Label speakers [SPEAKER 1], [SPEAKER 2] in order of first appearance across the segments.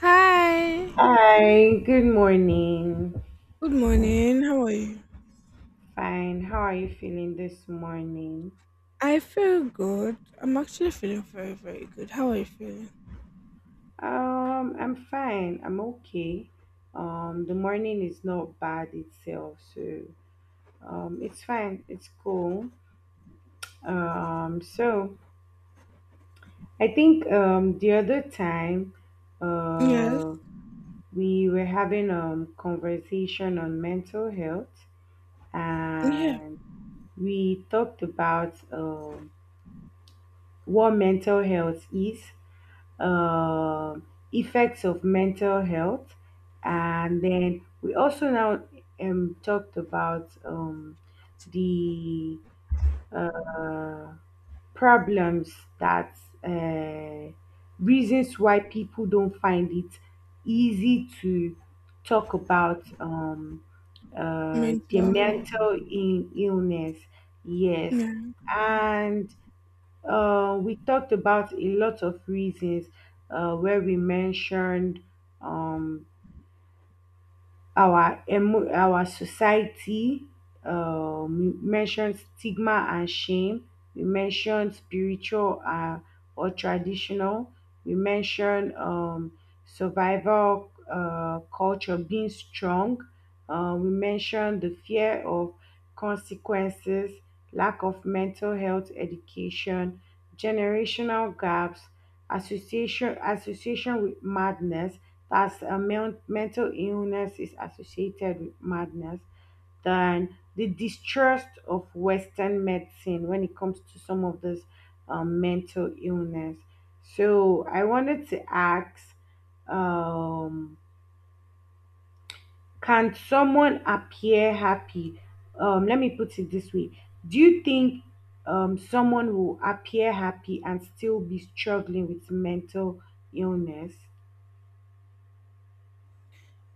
[SPEAKER 1] Hi,
[SPEAKER 2] Hi, good morning.
[SPEAKER 1] good morning. How are you?
[SPEAKER 2] Fine. How are you feeling this morning?
[SPEAKER 1] I feel good. I'm actually feeling very, very good. How are you feeling?
[SPEAKER 2] I'm fine. I'm okay. The morning is not bad itself, so it's fine. It's cool. So I think the other time,
[SPEAKER 1] Yes,
[SPEAKER 2] uh, we were having conversation on mental health,
[SPEAKER 1] yeah,
[SPEAKER 2] and we talked about what mental health is, um effects of mental health. And then we also now talked about the uh, problems that uh, reasons why people don't find it easy to talk about their
[SPEAKER 1] mental health.
[SPEAKER 2] mental illness. Yes,
[SPEAKER 1] Yeah.
[SPEAKER 2] and we talked about a lot of reasons, where we mentioned um, our our society. You mentioned stigma and shame. We mentioned spiritual or traditional. We mentioned survival culture being strong. We mentioned the fear of consequences, lack of mental health education, generational gaps, association with madness, that's mental illness is associated with madness, then the distrust of western medicine when it comes to some of this mental illness. So I wanted to ask, um, can someone appear happy? Let me put it this way: do you think someone will appear happy and still be struggling with mental illness?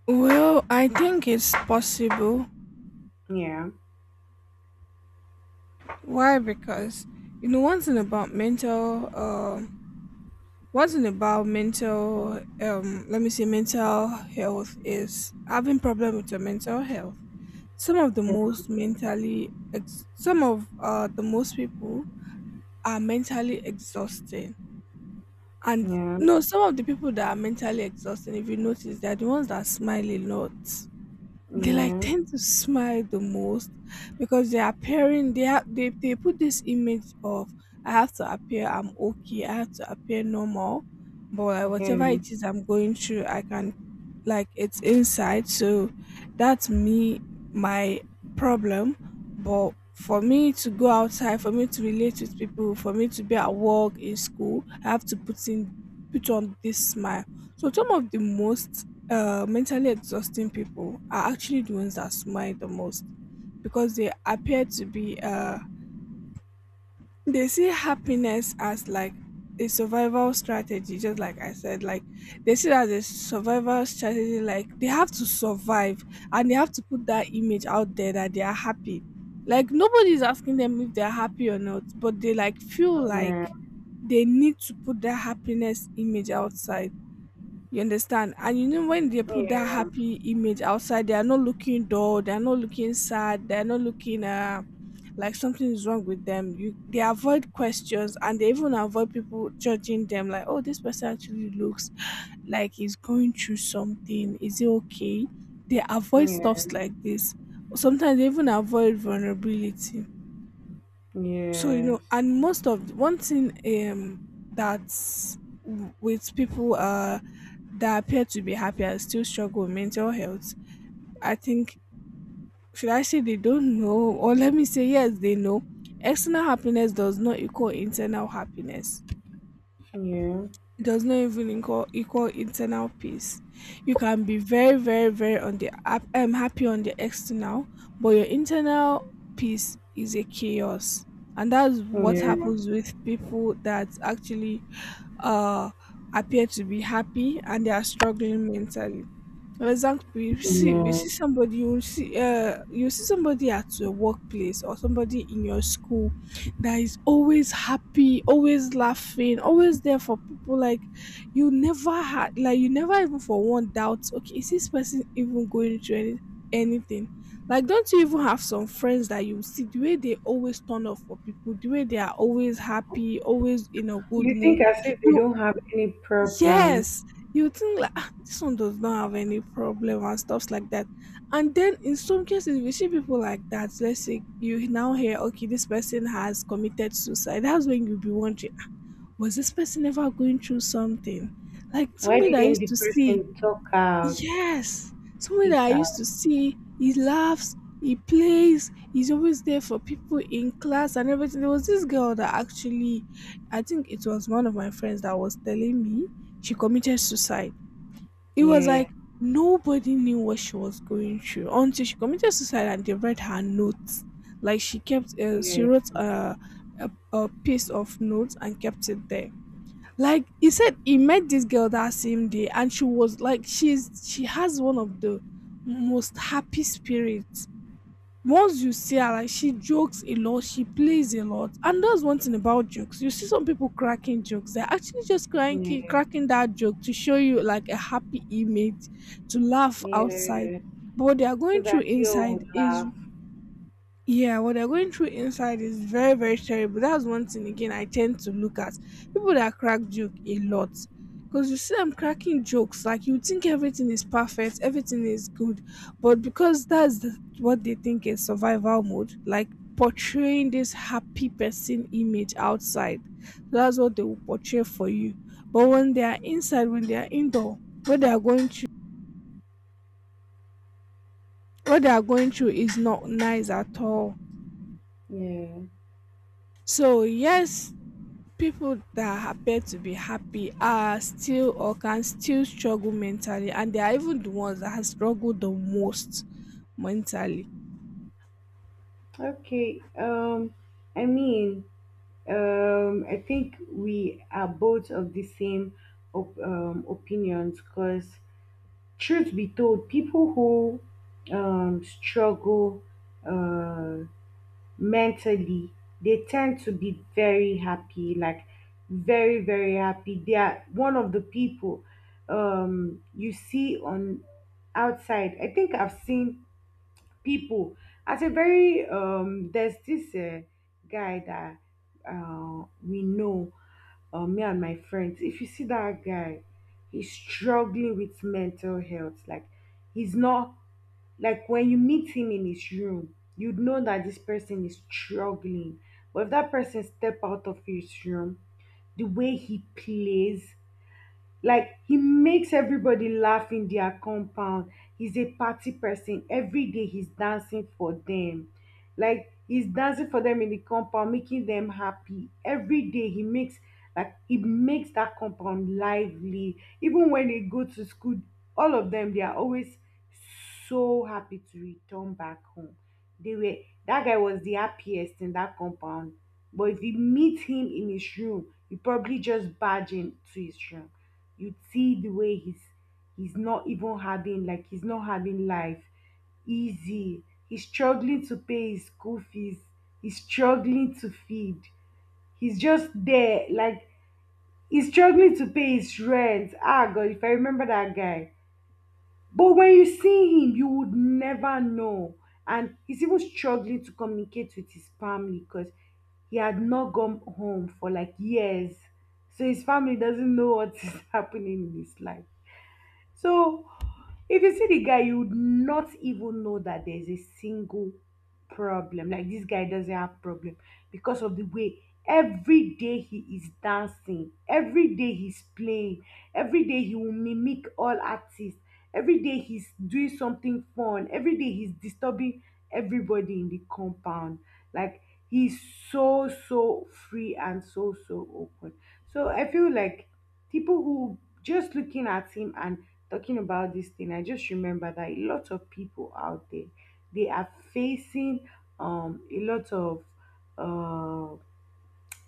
[SPEAKER 1] Well, I think it's possible.
[SPEAKER 2] Yeah.
[SPEAKER 1] Why? Because you know one thing about mental one thing about mental, let me say mental health is having problem with your mental health. Some of the some of the most people are mentally exhausted. And
[SPEAKER 2] Yeah.
[SPEAKER 1] no, some of the people that are mentally exhausting, if you notice, they're the ones that smile a lot, they like
[SPEAKER 2] Yeah.
[SPEAKER 1] tend to smile the most because they are appearing they have they put this image of I have to appear I'm okay, I have to appear normal. But like, whatever it
[SPEAKER 2] Yes.
[SPEAKER 1] is I'm going through I can, like, it's inside. So that's me, my problem. But for me to go outside, for me to relate with people, for me to be at work in school, I have to put on this smile. So some of the most mentally exhausting people are actually the ones that smile the most because they appear to be they see happiness as like a survival strategy. Just like I said, like they see it as a survival strategy, like they have to survive and they have to put that image out there that they are happy. Like nobody's asking them if they're happy or not, but they like feel
[SPEAKER 2] Yeah.
[SPEAKER 1] like they need to put their happiness image outside, you understand? And you know, when they put that
[SPEAKER 2] Yeah.
[SPEAKER 1] happy image outside, they are not looking dull, they are not looking sad, they are not looking like something is wrong with them. You, they avoid questions and they even avoid people judging them like, oh, this person actually looks like he's going through something. Is it okay? They avoid stuffs
[SPEAKER 2] Yeah.
[SPEAKER 1] like this. Sometimes they even avoid vulnerability, so you know.
[SPEAKER 2] Yes.
[SPEAKER 1] And most of one thing, um that's with people that appear to be happy and still struggle with mental health, I think, should I say they don't know, or let me say yes, they know external happiness does not equal internal happiness.
[SPEAKER 2] Yeah.
[SPEAKER 1] It does not even equal internal peace. You can be very, very, very on the happy on the external, but your internal peace is a chaos. And that's what
[SPEAKER 2] Yeah.
[SPEAKER 1] happens with people that actually uh, appear to be happy and they are struggling mentally. For example, you
[SPEAKER 2] Yeah.
[SPEAKER 1] see somebody, you will see you see somebody at your workplace or somebody in your school that is always happy, always laughing, always there for people. Like, you never had like, you never even for one doubt, okay, is this person even going through anything? Like, don't you even have some friends that you see the way they always turn up for people, the way they are always happy, always in a good
[SPEAKER 2] You
[SPEAKER 1] mood.
[SPEAKER 2] think as if they
[SPEAKER 1] You,
[SPEAKER 2] don't have any problem.
[SPEAKER 1] yes, you think like, "Ah, this one does not have any problem," and stuffs like that. And then in some cases we see people like that. Let's say you now hear, okay, this person has committed suicide. That's when you'll be wondering, "Ah, was this person ever going through something? Like
[SPEAKER 2] Why
[SPEAKER 1] somebody that I
[SPEAKER 2] didn't
[SPEAKER 1] used
[SPEAKER 2] the
[SPEAKER 1] to see."
[SPEAKER 2] person talk out?
[SPEAKER 1] Yes, someone that I
[SPEAKER 2] Speak
[SPEAKER 1] used
[SPEAKER 2] out.
[SPEAKER 1] to see, he laughs, he plays, he's always there for people in class and everything. There was this girl that actually, I think it was one of my friends that was telling me she committed suicide. It was
[SPEAKER 2] Yeah.
[SPEAKER 1] like nobody knew what she was going through until she committed suicide and they read her notes. Like she kept, she
[SPEAKER 2] Yeah.
[SPEAKER 1] wrote a piece of notes and kept it there. Like he said he met this girl that same day and she was like she has one of the most happy spirits. Once you see her, like she jokes a lot, she plays a lot. And that's one thing about jokes. You see some people cracking jokes. They're actually just
[SPEAKER 2] Yeah.
[SPEAKER 1] cracking that joke to show you like a happy image, to laugh outside.
[SPEAKER 2] Yeah.
[SPEAKER 1] But what they are
[SPEAKER 2] So
[SPEAKER 1] going through
[SPEAKER 2] that you all
[SPEAKER 1] inside
[SPEAKER 2] would
[SPEAKER 1] is,
[SPEAKER 2] laugh.
[SPEAKER 1] yeah, what they're going through inside is very, very terrible. That's one thing again I tend to look at. People that crack joke a lot. Because you see them cracking jokes, like you think everything is perfect, everything is good. But because that's what they think is survival mode, like portraying this happy person image outside. So that's what they will portray for you. But when they are inside, when they are indoor, what they are going through what they are going through is not nice at all.
[SPEAKER 2] Yeah.
[SPEAKER 1] So yes, people that appear to be happy are still or can still struggle mentally, and they are even the ones that have struggled the most mentally.
[SPEAKER 2] Okay. I mean, I think we are both of the same opinions because, truth be told, people who struggle uh, mentally, they tend to be very happy, like very, very happy. They are one of the people you see on outside. I think I've seen people at a very — there's this guy that we know, me and my friends. If you see that guy, he's struggling with mental health. Like he's not, like when you meet him in his room, you'd know that this person is struggling. But if that person step out of his room, the way he plays, like he makes everybody laugh in their compound. He's a party person. Every day he's dancing for them. Like he's dancing for them in the compound, making them happy. Every day he makes, like he makes that compound lively. Even when they go to school, all of them they are always so happy to return back home. They were, that guy was the happiest in that compound. But if you meet him in his room, you probably just barge into his room, you'd see the way he's not even having, like he's not having life easy. He's struggling to pay his school fees, he's struggling to feed, he's just there, like, he's struggling to pay his rent. Ah god, if I remember that guy. But when you see him, you would never know. And he's even struggling to communicate with his family because he had not gone home for like years, so his family doesn't know what is happening in his life. So if you see the guy, you would not even know that there's a single problem. Like this guy doesn't have problem, because of the way every day he is dancing, every day he's playing, every day he will mimic all artists, every day he's doing something fun, every day he's disturbing everybody in the compound. Like he's so so free and so so open. So I feel like people who just looking at him, and talking about this thing, I just remember that a lot of people out there they are facing um a lot of um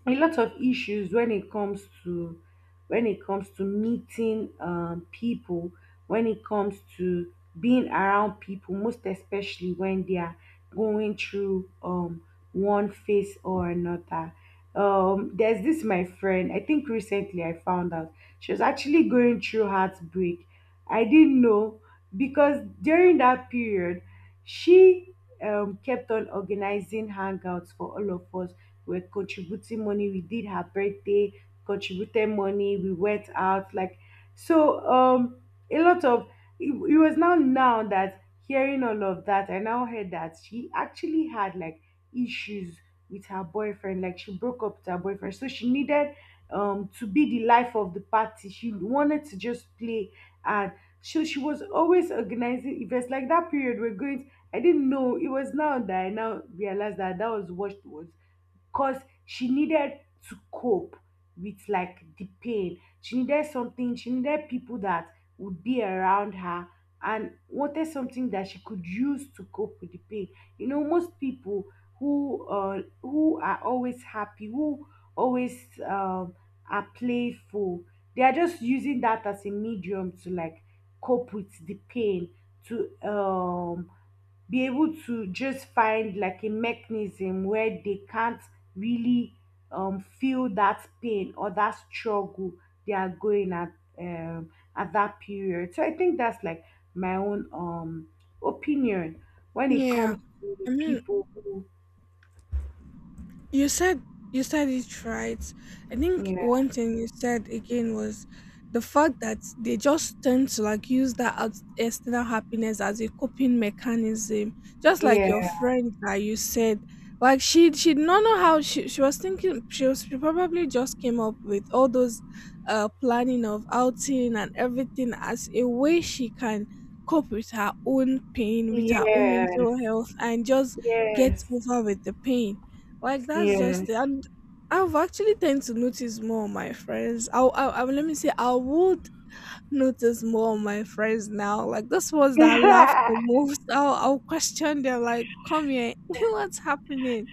[SPEAKER 2] a lot of issues when it comes to meeting people, when it comes to being around people, most especially when they are going through one phase or another. There's this my friend, I think recently I found out she was actually going through heartbreak. I didn't know, because during that period she kept on organizing hangouts for all of us. We're contributing money. We did her birthday, contributed money. We went out, like, so. A lot of, it was now that, hearing all of that, I now heard that she actually had like issues with her boyfriend. Like she broke up with her boyfriend, so she needed to be the life of the party. She wanted to just play, and so she was always organizing events, like that period we're going, I didn't know. It was now that I now realized that that was what she was. Because she needed to cope with, like, the pain. She needed something, she needed people that would be around her, and wanted something that she could use to cope with the pain. You know, most people who are always happy, who always are playful, they are just using that as a medium to, like, cope with the pain, to be able to just find like a mechanism where they can't really feel that pain or that struggle they are going at that period. So I think that's like my own opinion when it
[SPEAKER 1] Yeah,
[SPEAKER 2] comes to the
[SPEAKER 1] I mean,
[SPEAKER 2] people who
[SPEAKER 1] you said, you said it right. I think
[SPEAKER 2] yeah,
[SPEAKER 1] one thing you said again was the fact that they just tend to like use that external happiness as a coping mechanism. Just like your
[SPEAKER 2] yeah,
[SPEAKER 1] friend that you said, like she did not know how she was thinking. She probably just came up with all those planning of outing and everything as a way she can cope with her own pain, with her own
[SPEAKER 2] yes,
[SPEAKER 1] mental health, and just get
[SPEAKER 2] yes,
[SPEAKER 1] over with the pain, like that's
[SPEAKER 2] yes,
[SPEAKER 1] just it. And I've actually tend to notice more on my friends. I let me say I would notice more on my friends now. Like those ones that laugh the most, I'll question them. Like, come here, what's happening?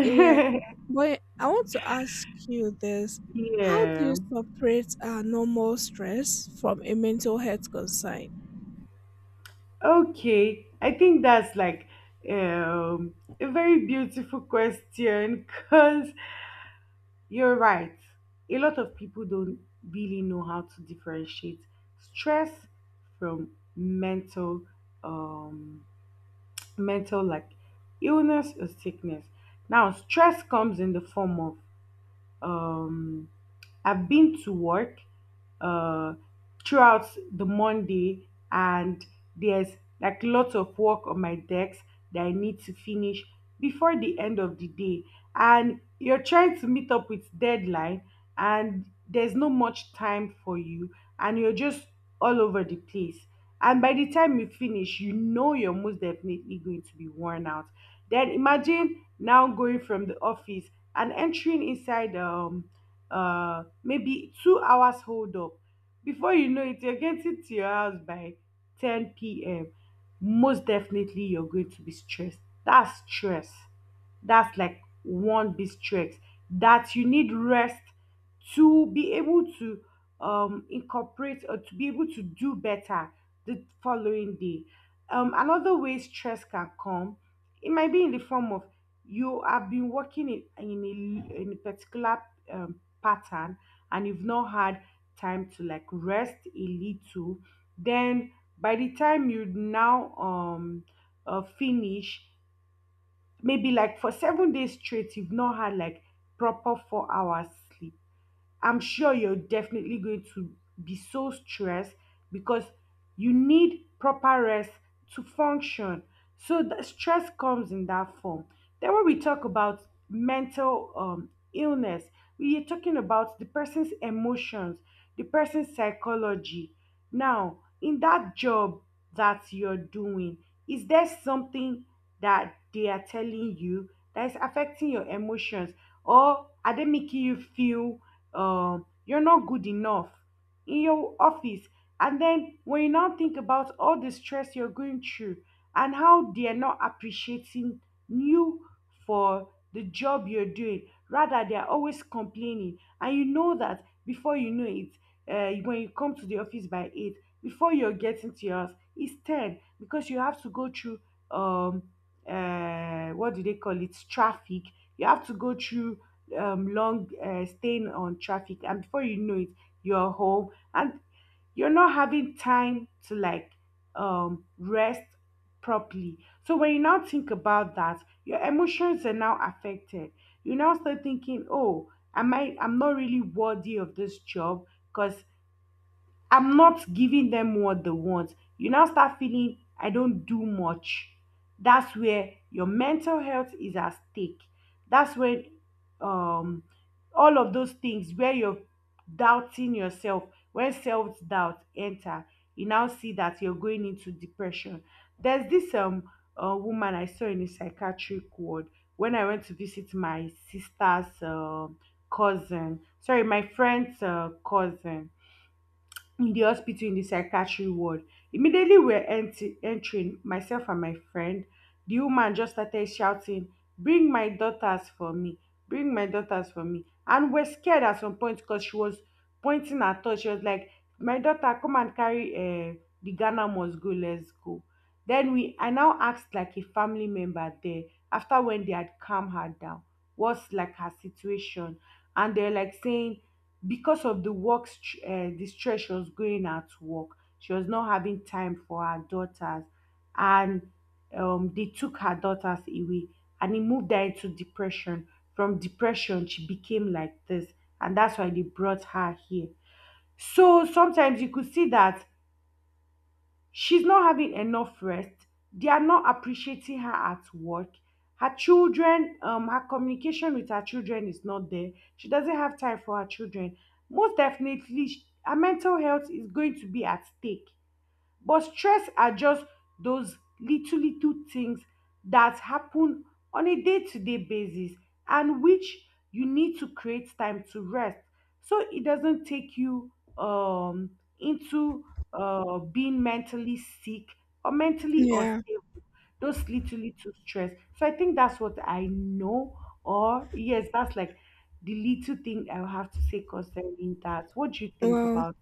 [SPEAKER 1] Yeah, but I want to ask you this: how do
[SPEAKER 2] yeah.
[SPEAKER 1] you separate normal stress from a mental health concern?
[SPEAKER 2] Okay, I think that's like a very beautiful question, because you're right. A lot of people don't really know how to differentiate stress from mental um mental, like, illness or sickness. Now, stress comes in the form of um I've been to work uh, throughout the Monday, and there's like lots of work on my decks that I need to finish before the end of the day. And you're trying to meet up with deadline, and there's no much time for you, and you're just all over the place. And by the time you finish, you know you're most definitely going to be worn out. Then imagine now going from the office and entering inside maybe 2 hours hold up, before you know it you're getting to your house by 10 p.m. Most definitely you're going to be stressed. That's stress, that's like one big stress, that you need rest to be able to incorporate, or to be able to do better the following day. Another way stress can come, it might be in the form of, you have been working in a particular pattern, and you've not had time to like rest a little. Then by the time you now finish, maybe like for 7 days straight, you've not had like proper 4 hours sleep. I'm sure you're definitely going to be so stressed, because you need proper rest to function. So the stress comes in that form. Then when we talk about mental illness, we are talking about the person's emotions, the person's psychology. Now, in that job that you're doing, is there something that they are telling you that is affecting your emotions, or are they making you feel you're not good enough in your office? And then when you now think about all the stress you're going through and how they're not appreciating you for the job you're doing, rather they're always complaining. And you know that before you know it, when you come to the office by 8, before you're getting to yours, it's 10, because you have to go through, um, what do they call it? Traffic. You have to go through long staying on traffic, and before you know it you're home and you're not having time to like rest properly. So when you now think about that, your emotions are now affected. You now start thinking, oh, am I, I'm not really worthy of this job, because I'm not giving them what they want. You now start feeling I don't do much. That's where your mental health is at stake. That's where um all of those things, where you're doubting yourself, where self-doubt enter, you now see that you're going into depression. There's this woman I saw in a psychiatric ward when I went to visit my sister's cousin. Sorry, my friend's cousin, in the hospital in the psychiatry ward. Immediately we're entering, myself and my friend, the woman just started shouting, "Bring my daughters for me, bring my daughters for me." And we're scared at some point, because she was pointing at us. She was like, "My daughter, come and carry the Ghana must go, let's go." Then we, I now asked like a family member there, after when they had calmed her down, what's like her situation? And they're like saying because of the the stress she was going at work, she was not having time for her daughters, and they took her daughters away and it moved her into depression. From depression she became like this, and that's why they brought her here. So sometimes you could see that she's not having enough rest. They are not appreciating her at work. Her children, her communication with her children is not there. She doesn't have time for her children. Most definitely, her mental health is going to be at stake. But stress are just those little little things that happen on a day-to-day basis, and which you need to create time to rest so it doesn't take you um into being mentally sick or mentally
[SPEAKER 1] Yeah.
[SPEAKER 2] unstable. Those little little stress. So I think that's what I know, or yes, that's like the little thing I have to say concerning that. What do you think
[SPEAKER 1] Well,
[SPEAKER 2] about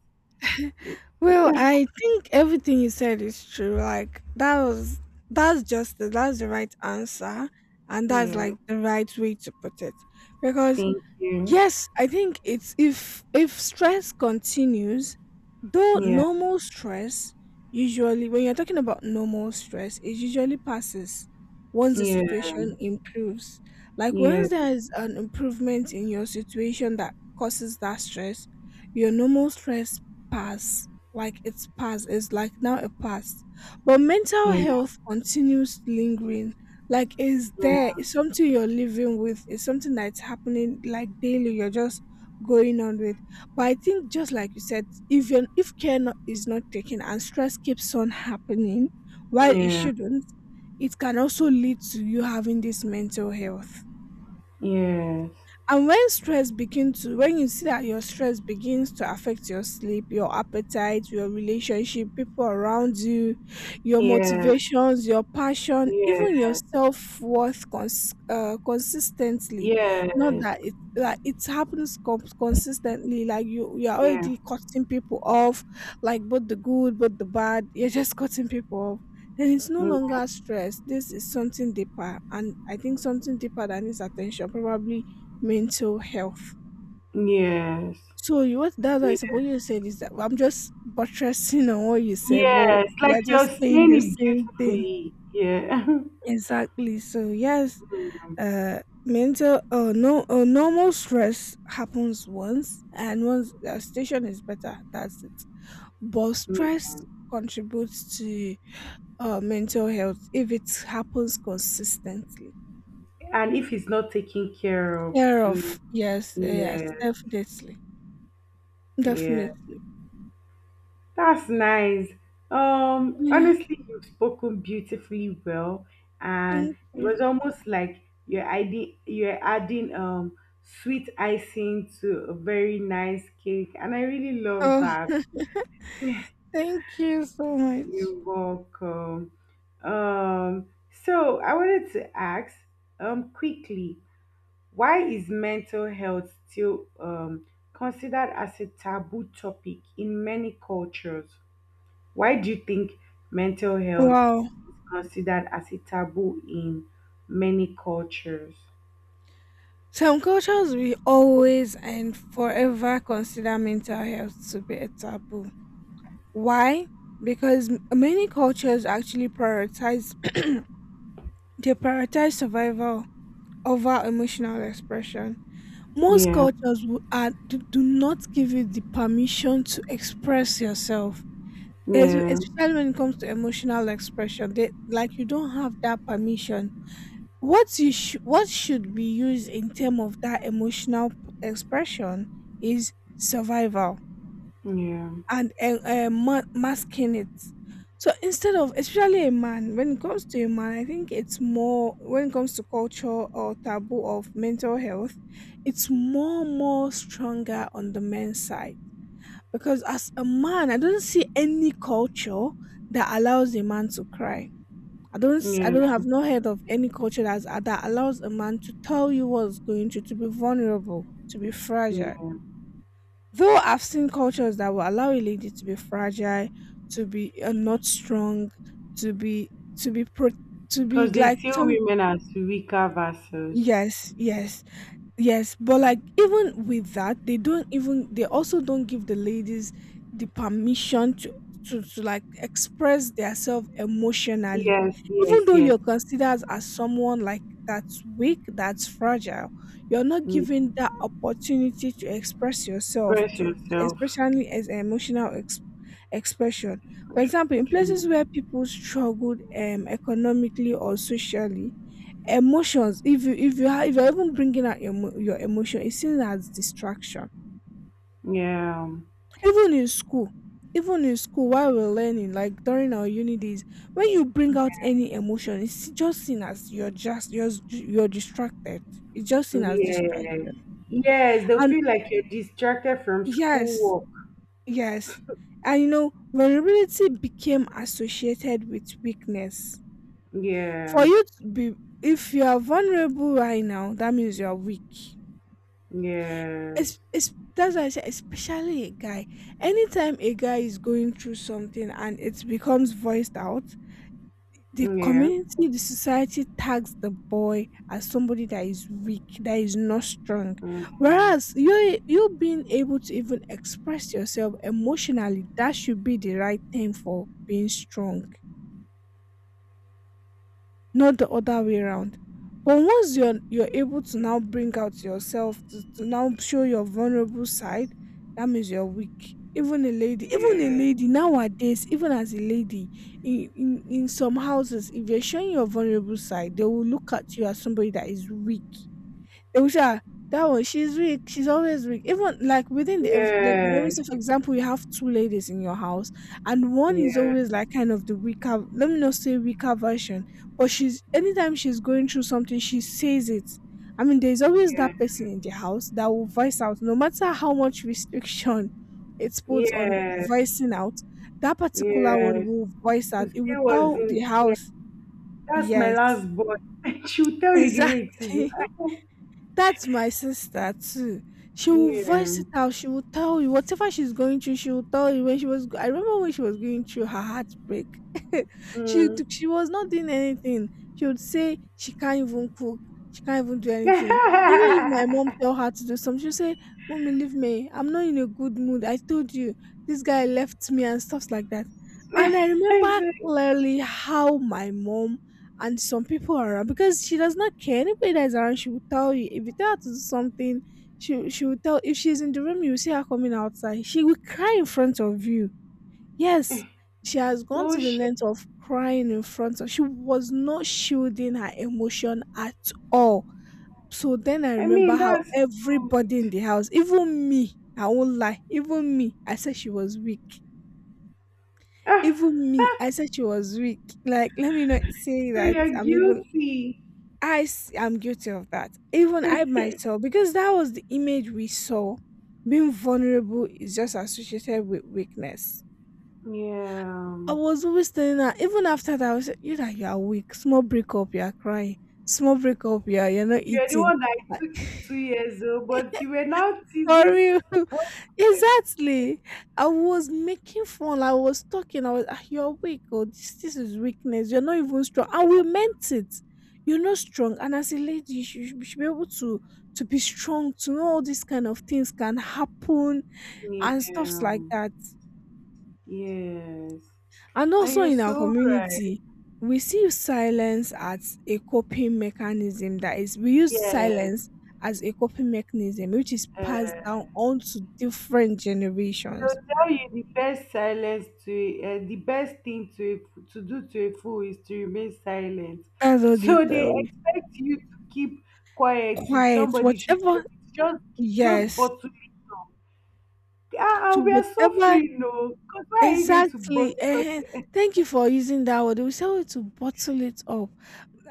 [SPEAKER 2] it?
[SPEAKER 1] well, I think everything you said is true. Like that was, that's just that's the right answer, and that's
[SPEAKER 2] Yeah,
[SPEAKER 1] like the right way to put it. Because
[SPEAKER 2] thank you.
[SPEAKER 1] yes, I think it's, if stress continues, though
[SPEAKER 2] Yeah,
[SPEAKER 1] normal stress, usually when you're talking about normal stress, it usually passes once the
[SPEAKER 2] yeah,
[SPEAKER 1] situation improves. Like
[SPEAKER 2] yeah,
[SPEAKER 1] once there is an improvement in your situation that causes that stress, your normal stress pass, like it's past, it's like now it passed. But mental
[SPEAKER 2] yeah,
[SPEAKER 1] health continues lingering, like, is there,
[SPEAKER 2] yeah,
[SPEAKER 1] it's something you're living with? Is something that's happening like daily? You're just going on with. But I think just like you said, if you if care not, is not taken and stress keeps on happening while it
[SPEAKER 2] yeah,
[SPEAKER 1] shouldn't, it can also lead to you having this mental health.
[SPEAKER 2] yes,
[SPEAKER 1] And when stress begins to, when you see that your stress begins to affect your sleep, your appetite, your relationship, people around you, your
[SPEAKER 2] yeah,
[SPEAKER 1] motivations, your passion,
[SPEAKER 2] yeah,
[SPEAKER 1] even your self worth consistently. Not
[SPEAKER 2] yes,
[SPEAKER 1] that it, like it happens consistently. Like you are
[SPEAKER 2] yeah,
[SPEAKER 1] already cutting people off, like both the good, both the bad. You're just cutting people off. Then it's no
[SPEAKER 2] mm,
[SPEAKER 1] longer stress. This is something deeper, and I think something deeper that needs attention. Probably mental health.
[SPEAKER 2] yes,
[SPEAKER 1] So you what that's why I
[SPEAKER 2] yeah,
[SPEAKER 1] suppose you said is that I'm just buttressing on what you said, but
[SPEAKER 2] yes.
[SPEAKER 1] we
[SPEAKER 2] Like
[SPEAKER 1] are
[SPEAKER 2] you're
[SPEAKER 1] just saying
[SPEAKER 2] saying
[SPEAKER 1] the
[SPEAKER 2] it
[SPEAKER 1] same thing.
[SPEAKER 2] beautifully. Yeah.
[SPEAKER 1] Exactly. So yes,
[SPEAKER 2] Yeah.
[SPEAKER 1] uh mental no normal stress happens once and once the station is better, that's it. But
[SPEAKER 2] Yeah.
[SPEAKER 1] stress contributes to mental health if it happens consistently.
[SPEAKER 2] And if it's not taken care of
[SPEAKER 1] Care
[SPEAKER 2] too,
[SPEAKER 1] of yes, yes,
[SPEAKER 2] yes,
[SPEAKER 1] definitely.
[SPEAKER 2] yeah.
[SPEAKER 1] Definitely.
[SPEAKER 2] That's nice.
[SPEAKER 1] Yeah.
[SPEAKER 2] Honestly, you've spoken beautifully well, and
[SPEAKER 1] Thank
[SPEAKER 2] it
[SPEAKER 1] you.
[SPEAKER 2] was almost like you're adding sweet icing to a very nice cake, and I really love
[SPEAKER 1] Oh,
[SPEAKER 2] that.
[SPEAKER 1] thank you so much.
[SPEAKER 2] You're welcome. So I wanted to ask quickly, why is mental health still considered as a taboo topic in many cultures? Why do you think mental health is
[SPEAKER 1] Wow.
[SPEAKER 2] considered as a taboo in many cultures?
[SPEAKER 1] Some cultures will always and forever consider mental health to be a taboo. Why? Because many cultures actually prioritize they prioritize survival over emotional expression. Most
[SPEAKER 2] Yeah,
[SPEAKER 1] cultures do not give you the permission to express yourself.
[SPEAKER 2] yeah,
[SPEAKER 1] Especially when it comes to emotional expression. They like, you don't have that permission. What you what should be used in terms of that emotional expression is survival
[SPEAKER 2] yeah,
[SPEAKER 1] and masking it. So instead of, especially a man, when it comes to a man, I think it's more, when it comes to culture or taboo of mental health, it's more stronger on the men's side. Because as a man, I don't see any culture that allows a man to cry. I don't, I
[SPEAKER 2] yeah,
[SPEAKER 1] don't, have not heard of any culture that's, that allows a man to tell you what's going to be vulnerable, to be fragile.
[SPEAKER 2] yeah.
[SPEAKER 1] Though I've seen cultures that will allow a lady to be fragile, to be not strong, to be, to be, pro- to be
[SPEAKER 2] Because they
[SPEAKER 1] like
[SPEAKER 2] see
[SPEAKER 1] some,
[SPEAKER 2] women as weaker vessels.
[SPEAKER 1] yes, yes, yes. But like even with that, they don't even, they also don't give the ladies the permission to, to like express themselves emotionally.
[SPEAKER 2] Yes,
[SPEAKER 1] Even
[SPEAKER 2] yes,
[SPEAKER 1] though
[SPEAKER 2] yes.
[SPEAKER 1] you're considered as someone like that's weak, that's fragile, you're not given that opportunity to express yourself
[SPEAKER 2] Express
[SPEAKER 1] to,
[SPEAKER 2] yourself.
[SPEAKER 1] especially as an emotional expression. For
[SPEAKER 2] Express
[SPEAKER 1] example, in
[SPEAKER 2] yourself.
[SPEAKER 1] places where people struggled economically or socially, emotions, if you're even bringing out your emotion, it's seen as distraction.
[SPEAKER 2] Yeah,
[SPEAKER 1] Even in school even in school while we're learning, like during our uni days, when you bring out any emotion, it's just seen as you're distracted. It's just seen as
[SPEAKER 2] yeah.
[SPEAKER 1] distraction.
[SPEAKER 2] Yes, they
[SPEAKER 1] And
[SPEAKER 2] feel like you're distracted from
[SPEAKER 1] yes,
[SPEAKER 2] schoolwork.
[SPEAKER 1] yes. And vulnerability became associated with weakness.
[SPEAKER 2] Yeah,
[SPEAKER 1] For you to be If you are vulnerable right now, that means you are weak.
[SPEAKER 2] yes,
[SPEAKER 1] It's That's why I say, especially a guy. Anytime a guy is going through something and it becomes voiced out, the
[SPEAKER 2] yeah,
[SPEAKER 1] community, the society tags the boy as somebody that is weak, that is not strong.
[SPEAKER 2] mhm,
[SPEAKER 1] Whereas you being able to even express yourself emotionally, that should be the right thing for being strong, not the other way around. But once you're able to now bring out yourself to now show your vulnerable side, that means you're weak. Even a
[SPEAKER 2] yeah,
[SPEAKER 1] lady nowadays, even as a lady, in some houses, if you're showing your vulnerable side, they will look at you as somebody that is weak. Oh, yeah, that one, she's weak. She's always weak. Even like like let me
[SPEAKER 2] yes.
[SPEAKER 1] say for example, you have two ladies in your house, and one is
[SPEAKER 2] Yeah,
[SPEAKER 1] always like kind of the weaker. Let me not say weaker version, but she's anytime she's going through something, she says it. I mean, there's always
[SPEAKER 2] yeah,
[SPEAKER 1] that person in the house that will voice out, no matter how much restriction it puts on
[SPEAKER 2] yes,
[SPEAKER 1] voicing out. That particular one
[SPEAKER 2] yes.
[SPEAKER 1] will voice out. It
[SPEAKER 2] Uche
[SPEAKER 1] will
[SPEAKER 2] was
[SPEAKER 1] tell the
[SPEAKER 2] in, yeah,
[SPEAKER 1] house,
[SPEAKER 2] that's my
[SPEAKER 1] yes,
[SPEAKER 2] last boy. She'll tell you the way it is.
[SPEAKER 1] exactly. That's my sister too. She will voice
[SPEAKER 2] Yeah.
[SPEAKER 1] it out. She will tell you whatever she's going through. She will tell you when she was. I remember when she was going through her heartbreak. She
[SPEAKER 2] Mm.
[SPEAKER 1] was not doing anything. She would say she can't even cook. She can't even do anything. Even if my mom tell her to do something, she'll say, "Mommy, leave me. I'm not in a good mood. I told you this guy left me and stuff like that." And I
[SPEAKER 2] I
[SPEAKER 1] remember
[SPEAKER 2] said,
[SPEAKER 1] clearly how my mom and some people are around because she does not care. Anybody that is around, she will tell you. If you tell her to do something, she will tell. If she's in the room, you will see her coming outside. She will cry in front of you. Yes, she has gone
[SPEAKER 2] no
[SPEAKER 1] to the
[SPEAKER 2] shit.
[SPEAKER 1] length of crying in front of. She was not shielding her emotion at all. So then I
[SPEAKER 2] I
[SPEAKER 1] remember
[SPEAKER 2] mean,
[SPEAKER 1] how
[SPEAKER 2] that's
[SPEAKER 1] everybody in
[SPEAKER 2] good.
[SPEAKER 1] the house, even me, I won't lie, even me, I said she was weak.
[SPEAKER 2] Ah,
[SPEAKER 1] Even me, I said she was weak. Like, let me not say
[SPEAKER 2] so
[SPEAKER 1] that
[SPEAKER 2] you're
[SPEAKER 1] I'm even,
[SPEAKER 2] guilty.
[SPEAKER 1] am guilty of that. Even I
[SPEAKER 2] Yeah.
[SPEAKER 1] myself, because that was the image we saw. Being vulnerable is just associated with weakness. I was always telling her, even after that, I was like, you that you are weak. Small breakup, you are crying. Small breakup, you're not
[SPEAKER 2] You're the
[SPEAKER 1] eating.
[SPEAKER 2] one that it
[SPEAKER 1] Like,
[SPEAKER 2] took you 2 years old, but you were now
[SPEAKER 1] for
[SPEAKER 2] teasing.
[SPEAKER 1] real. Exactly. I was making fun. I was talking. I was, "Ah, you're weak. Oh, this is weakness. You're not even strong. And we meant it. You're not strong. And as a lady, you should be able to be strong, to know all these kind of things can happen and stuffs
[SPEAKER 2] Yeah.
[SPEAKER 1] like that.
[SPEAKER 2] Yes.
[SPEAKER 1] And
[SPEAKER 2] And
[SPEAKER 1] also
[SPEAKER 2] you're
[SPEAKER 1] in our
[SPEAKER 2] so right.
[SPEAKER 1] community, we see silence as a coping mechanism. That is, we use
[SPEAKER 2] Yes.
[SPEAKER 1] silence as a coping mechanism, which is passed
[SPEAKER 2] Uh,
[SPEAKER 1] down onto different
[SPEAKER 2] to
[SPEAKER 1] generations.
[SPEAKER 2] tell you the best silence to, the best thing to, a, to do to a fool is to remain silent.
[SPEAKER 1] That's what they
[SPEAKER 2] So
[SPEAKER 1] tell
[SPEAKER 2] they
[SPEAKER 1] you.
[SPEAKER 2] expect you to keep quiet. If
[SPEAKER 1] Quiet,
[SPEAKER 2] somebody should
[SPEAKER 1] whatever.
[SPEAKER 2] tell you, just just
[SPEAKER 1] Yes.
[SPEAKER 2] bottle it up. Ah,
[SPEAKER 1] So
[SPEAKER 2] ah, we are so
[SPEAKER 1] whatever.
[SPEAKER 2] free, no? Because why are you going to
[SPEAKER 1] Exactly.
[SPEAKER 2] bottle up
[SPEAKER 1] Eh.
[SPEAKER 2] your—
[SPEAKER 1] Thank you for using that word. We say to bottle it up.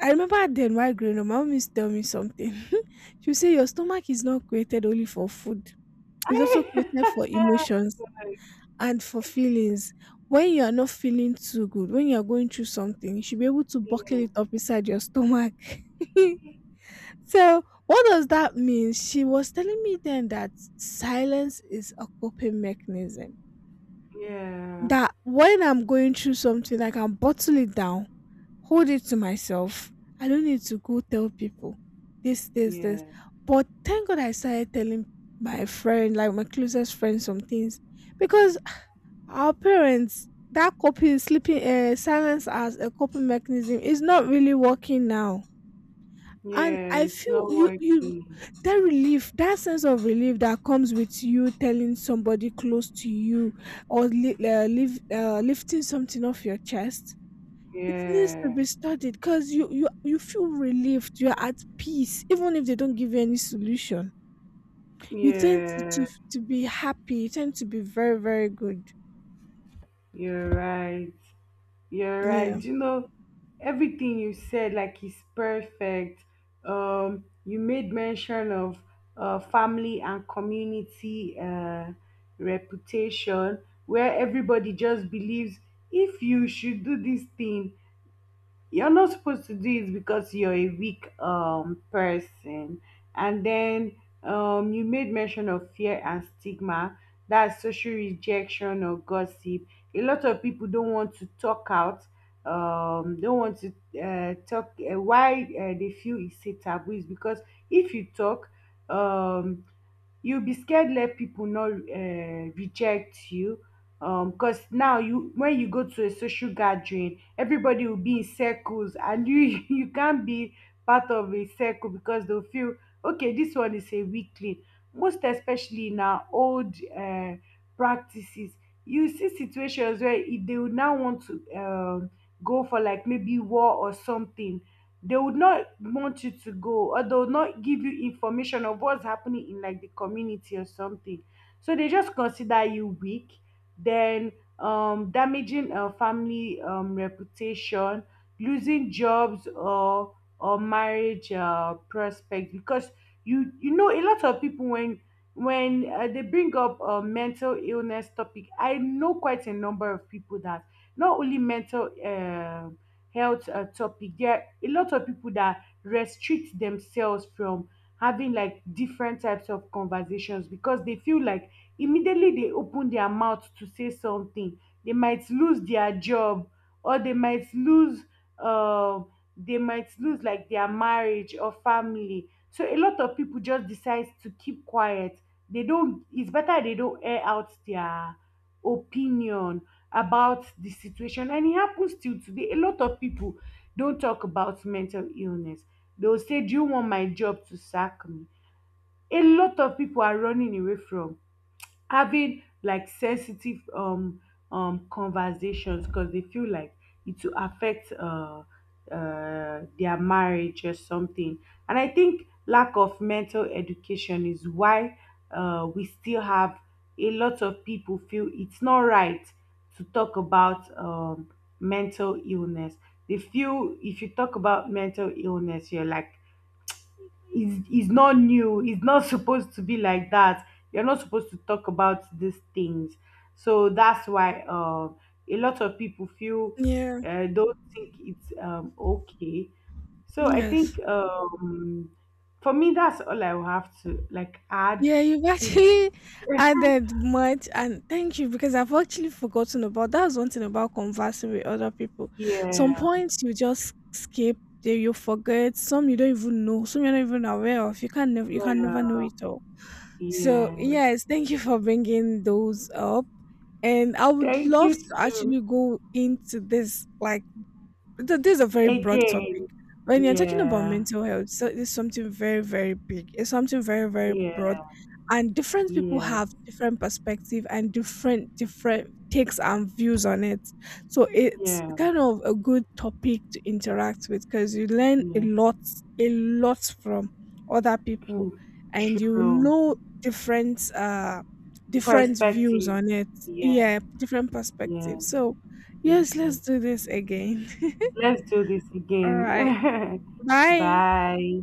[SPEAKER 1] I remember then while growing up, my mom used to tell me something. She would say your stomach is not created only for food. It's also
[SPEAKER 2] I—
[SPEAKER 1] created for emotions and for feelings. When you are not feeling too good, when you are going through something, you should be able to buckle
[SPEAKER 2] yeah,
[SPEAKER 1] it up inside your stomach. So, what does that mean? She was telling me then that silence is a coping mechanism,
[SPEAKER 2] yeah,
[SPEAKER 1] that when I'm going through something, I can bottle it down, hold it to myself. I don't need to go tell people this, this, this.
[SPEAKER 2] yeah,
[SPEAKER 1] But thank God I started telling my friend, like my closest friend, some things because our parents, that coping, sleeping, silence as a coping mechanism is not really working now, and
[SPEAKER 2] yeah.
[SPEAKER 1] I
[SPEAKER 2] It's
[SPEAKER 1] feel
[SPEAKER 2] not
[SPEAKER 1] you,
[SPEAKER 2] working.
[SPEAKER 1] that sense of relief that comes with you telling somebody close to you or lifting something off your chest. It needs to
[SPEAKER 2] Yeah,
[SPEAKER 1] be studied because you feel relieved, you're at peace even if they don't give you any solution. You tend to,
[SPEAKER 2] yeah.
[SPEAKER 1] to be happy. You tend to be very, very good.
[SPEAKER 2] You're right. You're
[SPEAKER 1] Yeah,
[SPEAKER 2] right. You know, everything you said like is perfect. You made mention of family and community reputation, where everybody just believes if you should do this thing, you're not supposed to do it because you're a weak person. And then you made mention of fear and stigma, that's social rejection or gossip. A lot of people don't want to talk out, don't want to, talk, why, they feel it's a taboo is because if you talk, um you'll be scared, let people not reject you, because now, you when you go to a social gathering, everybody will be in circles and you you can't be part of a circle because they'll feel okay, this one is a weakling. Most especially in our old practices, you see situations where if they would now want to go for like maybe war or something, they would not want you to go, or they would not give you information of what's happening in like the community or something. So they just consider you weak. Then damaging a family reputation, losing jobs or marriage prospects, because you know a lot of people, when when they bring up a mental illness topic, I know quite a number of people that, not only mental health topic, there are a lot of people that restrict themselves from having like different types of conversations because they feel like immediately they open their mouth to say something, they might lose their job, or um they might lose like their marriage or family. So a lot of people just decide to keep quiet. They don't, it's better they don't air out their opinion about the situation. And it happens till today, a lot of people don't talk about mental illness. They'll say, do you want my job to sack me? A lot of people are running away from having like sensitive conversations because they feel like it will affect their marriage or something. And I think lack of mental education is why we still have a lot of people feel it's not right to talk about mental illness. They feel if you talk about mental illness, you're like, is not new, it's not supposed to be like that, you're not supposed to talk about these things. So that's why a lot of people feel
[SPEAKER 1] yeah,
[SPEAKER 2] don't think it's okay. So I
[SPEAKER 1] yes.
[SPEAKER 2] think for me, that's all I will have to like add
[SPEAKER 1] Yeah, you've
[SPEAKER 2] to.
[SPEAKER 1] actually added much, and thank you because I've actually forgotten about that. Was one thing about conversing with other people.
[SPEAKER 2] Yeah,
[SPEAKER 1] Some points you just skip, they you forget. Some you don't even know. Some you're not even aware of. You can never know
[SPEAKER 2] yeah,
[SPEAKER 1] it all. So
[SPEAKER 2] yeah.
[SPEAKER 1] yes, thank you for bringing those up, and I would
[SPEAKER 2] Thank
[SPEAKER 1] love
[SPEAKER 2] you
[SPEAKER 1] to
[SPEAKER 2] too.
[SPEAKER 1] actually go into this, like this is a very broad topic.
[SPEAKER 2] Again.
[SPEAKER 1] When you're talking about
[SPEAKER 2] Yeah,
[SPEAKER 1] mental health, so it's something very, very big. It's something very, very broad,
[SPEAKER 2] yeah,
[SPEAKER 1] and different people
[SPEAKER 2] yeah,
[SPEAKER 1] have different perspective and different takes and views on it. So it's
[SPEAKER 2] yeah,
[SPEAKER 1] kind of a good topic to interact with because you learn
[SPEAKER 2] yeah.
[SPEAKER 1] a lot from other people, and you
[SPEAKER 2] True.
[SPEAKER 1] know different different views
[SPEAKER 2] Perspective.
[SPEAKER 1] on it.
[SPEAKER 2] Yeah,
[SPEAKER 1] Yeah, different
[SPEAKER 2] yeah,
[SPEAKER 1] perspectives. So yes,
[SPEAKER 2] yeah.
[SPEAKER 1] let's do this again.
[SPEAKER 2] Let's do this again.
[SPEAKER 1] Alright, bye.
[SPEAKER 2] Bye.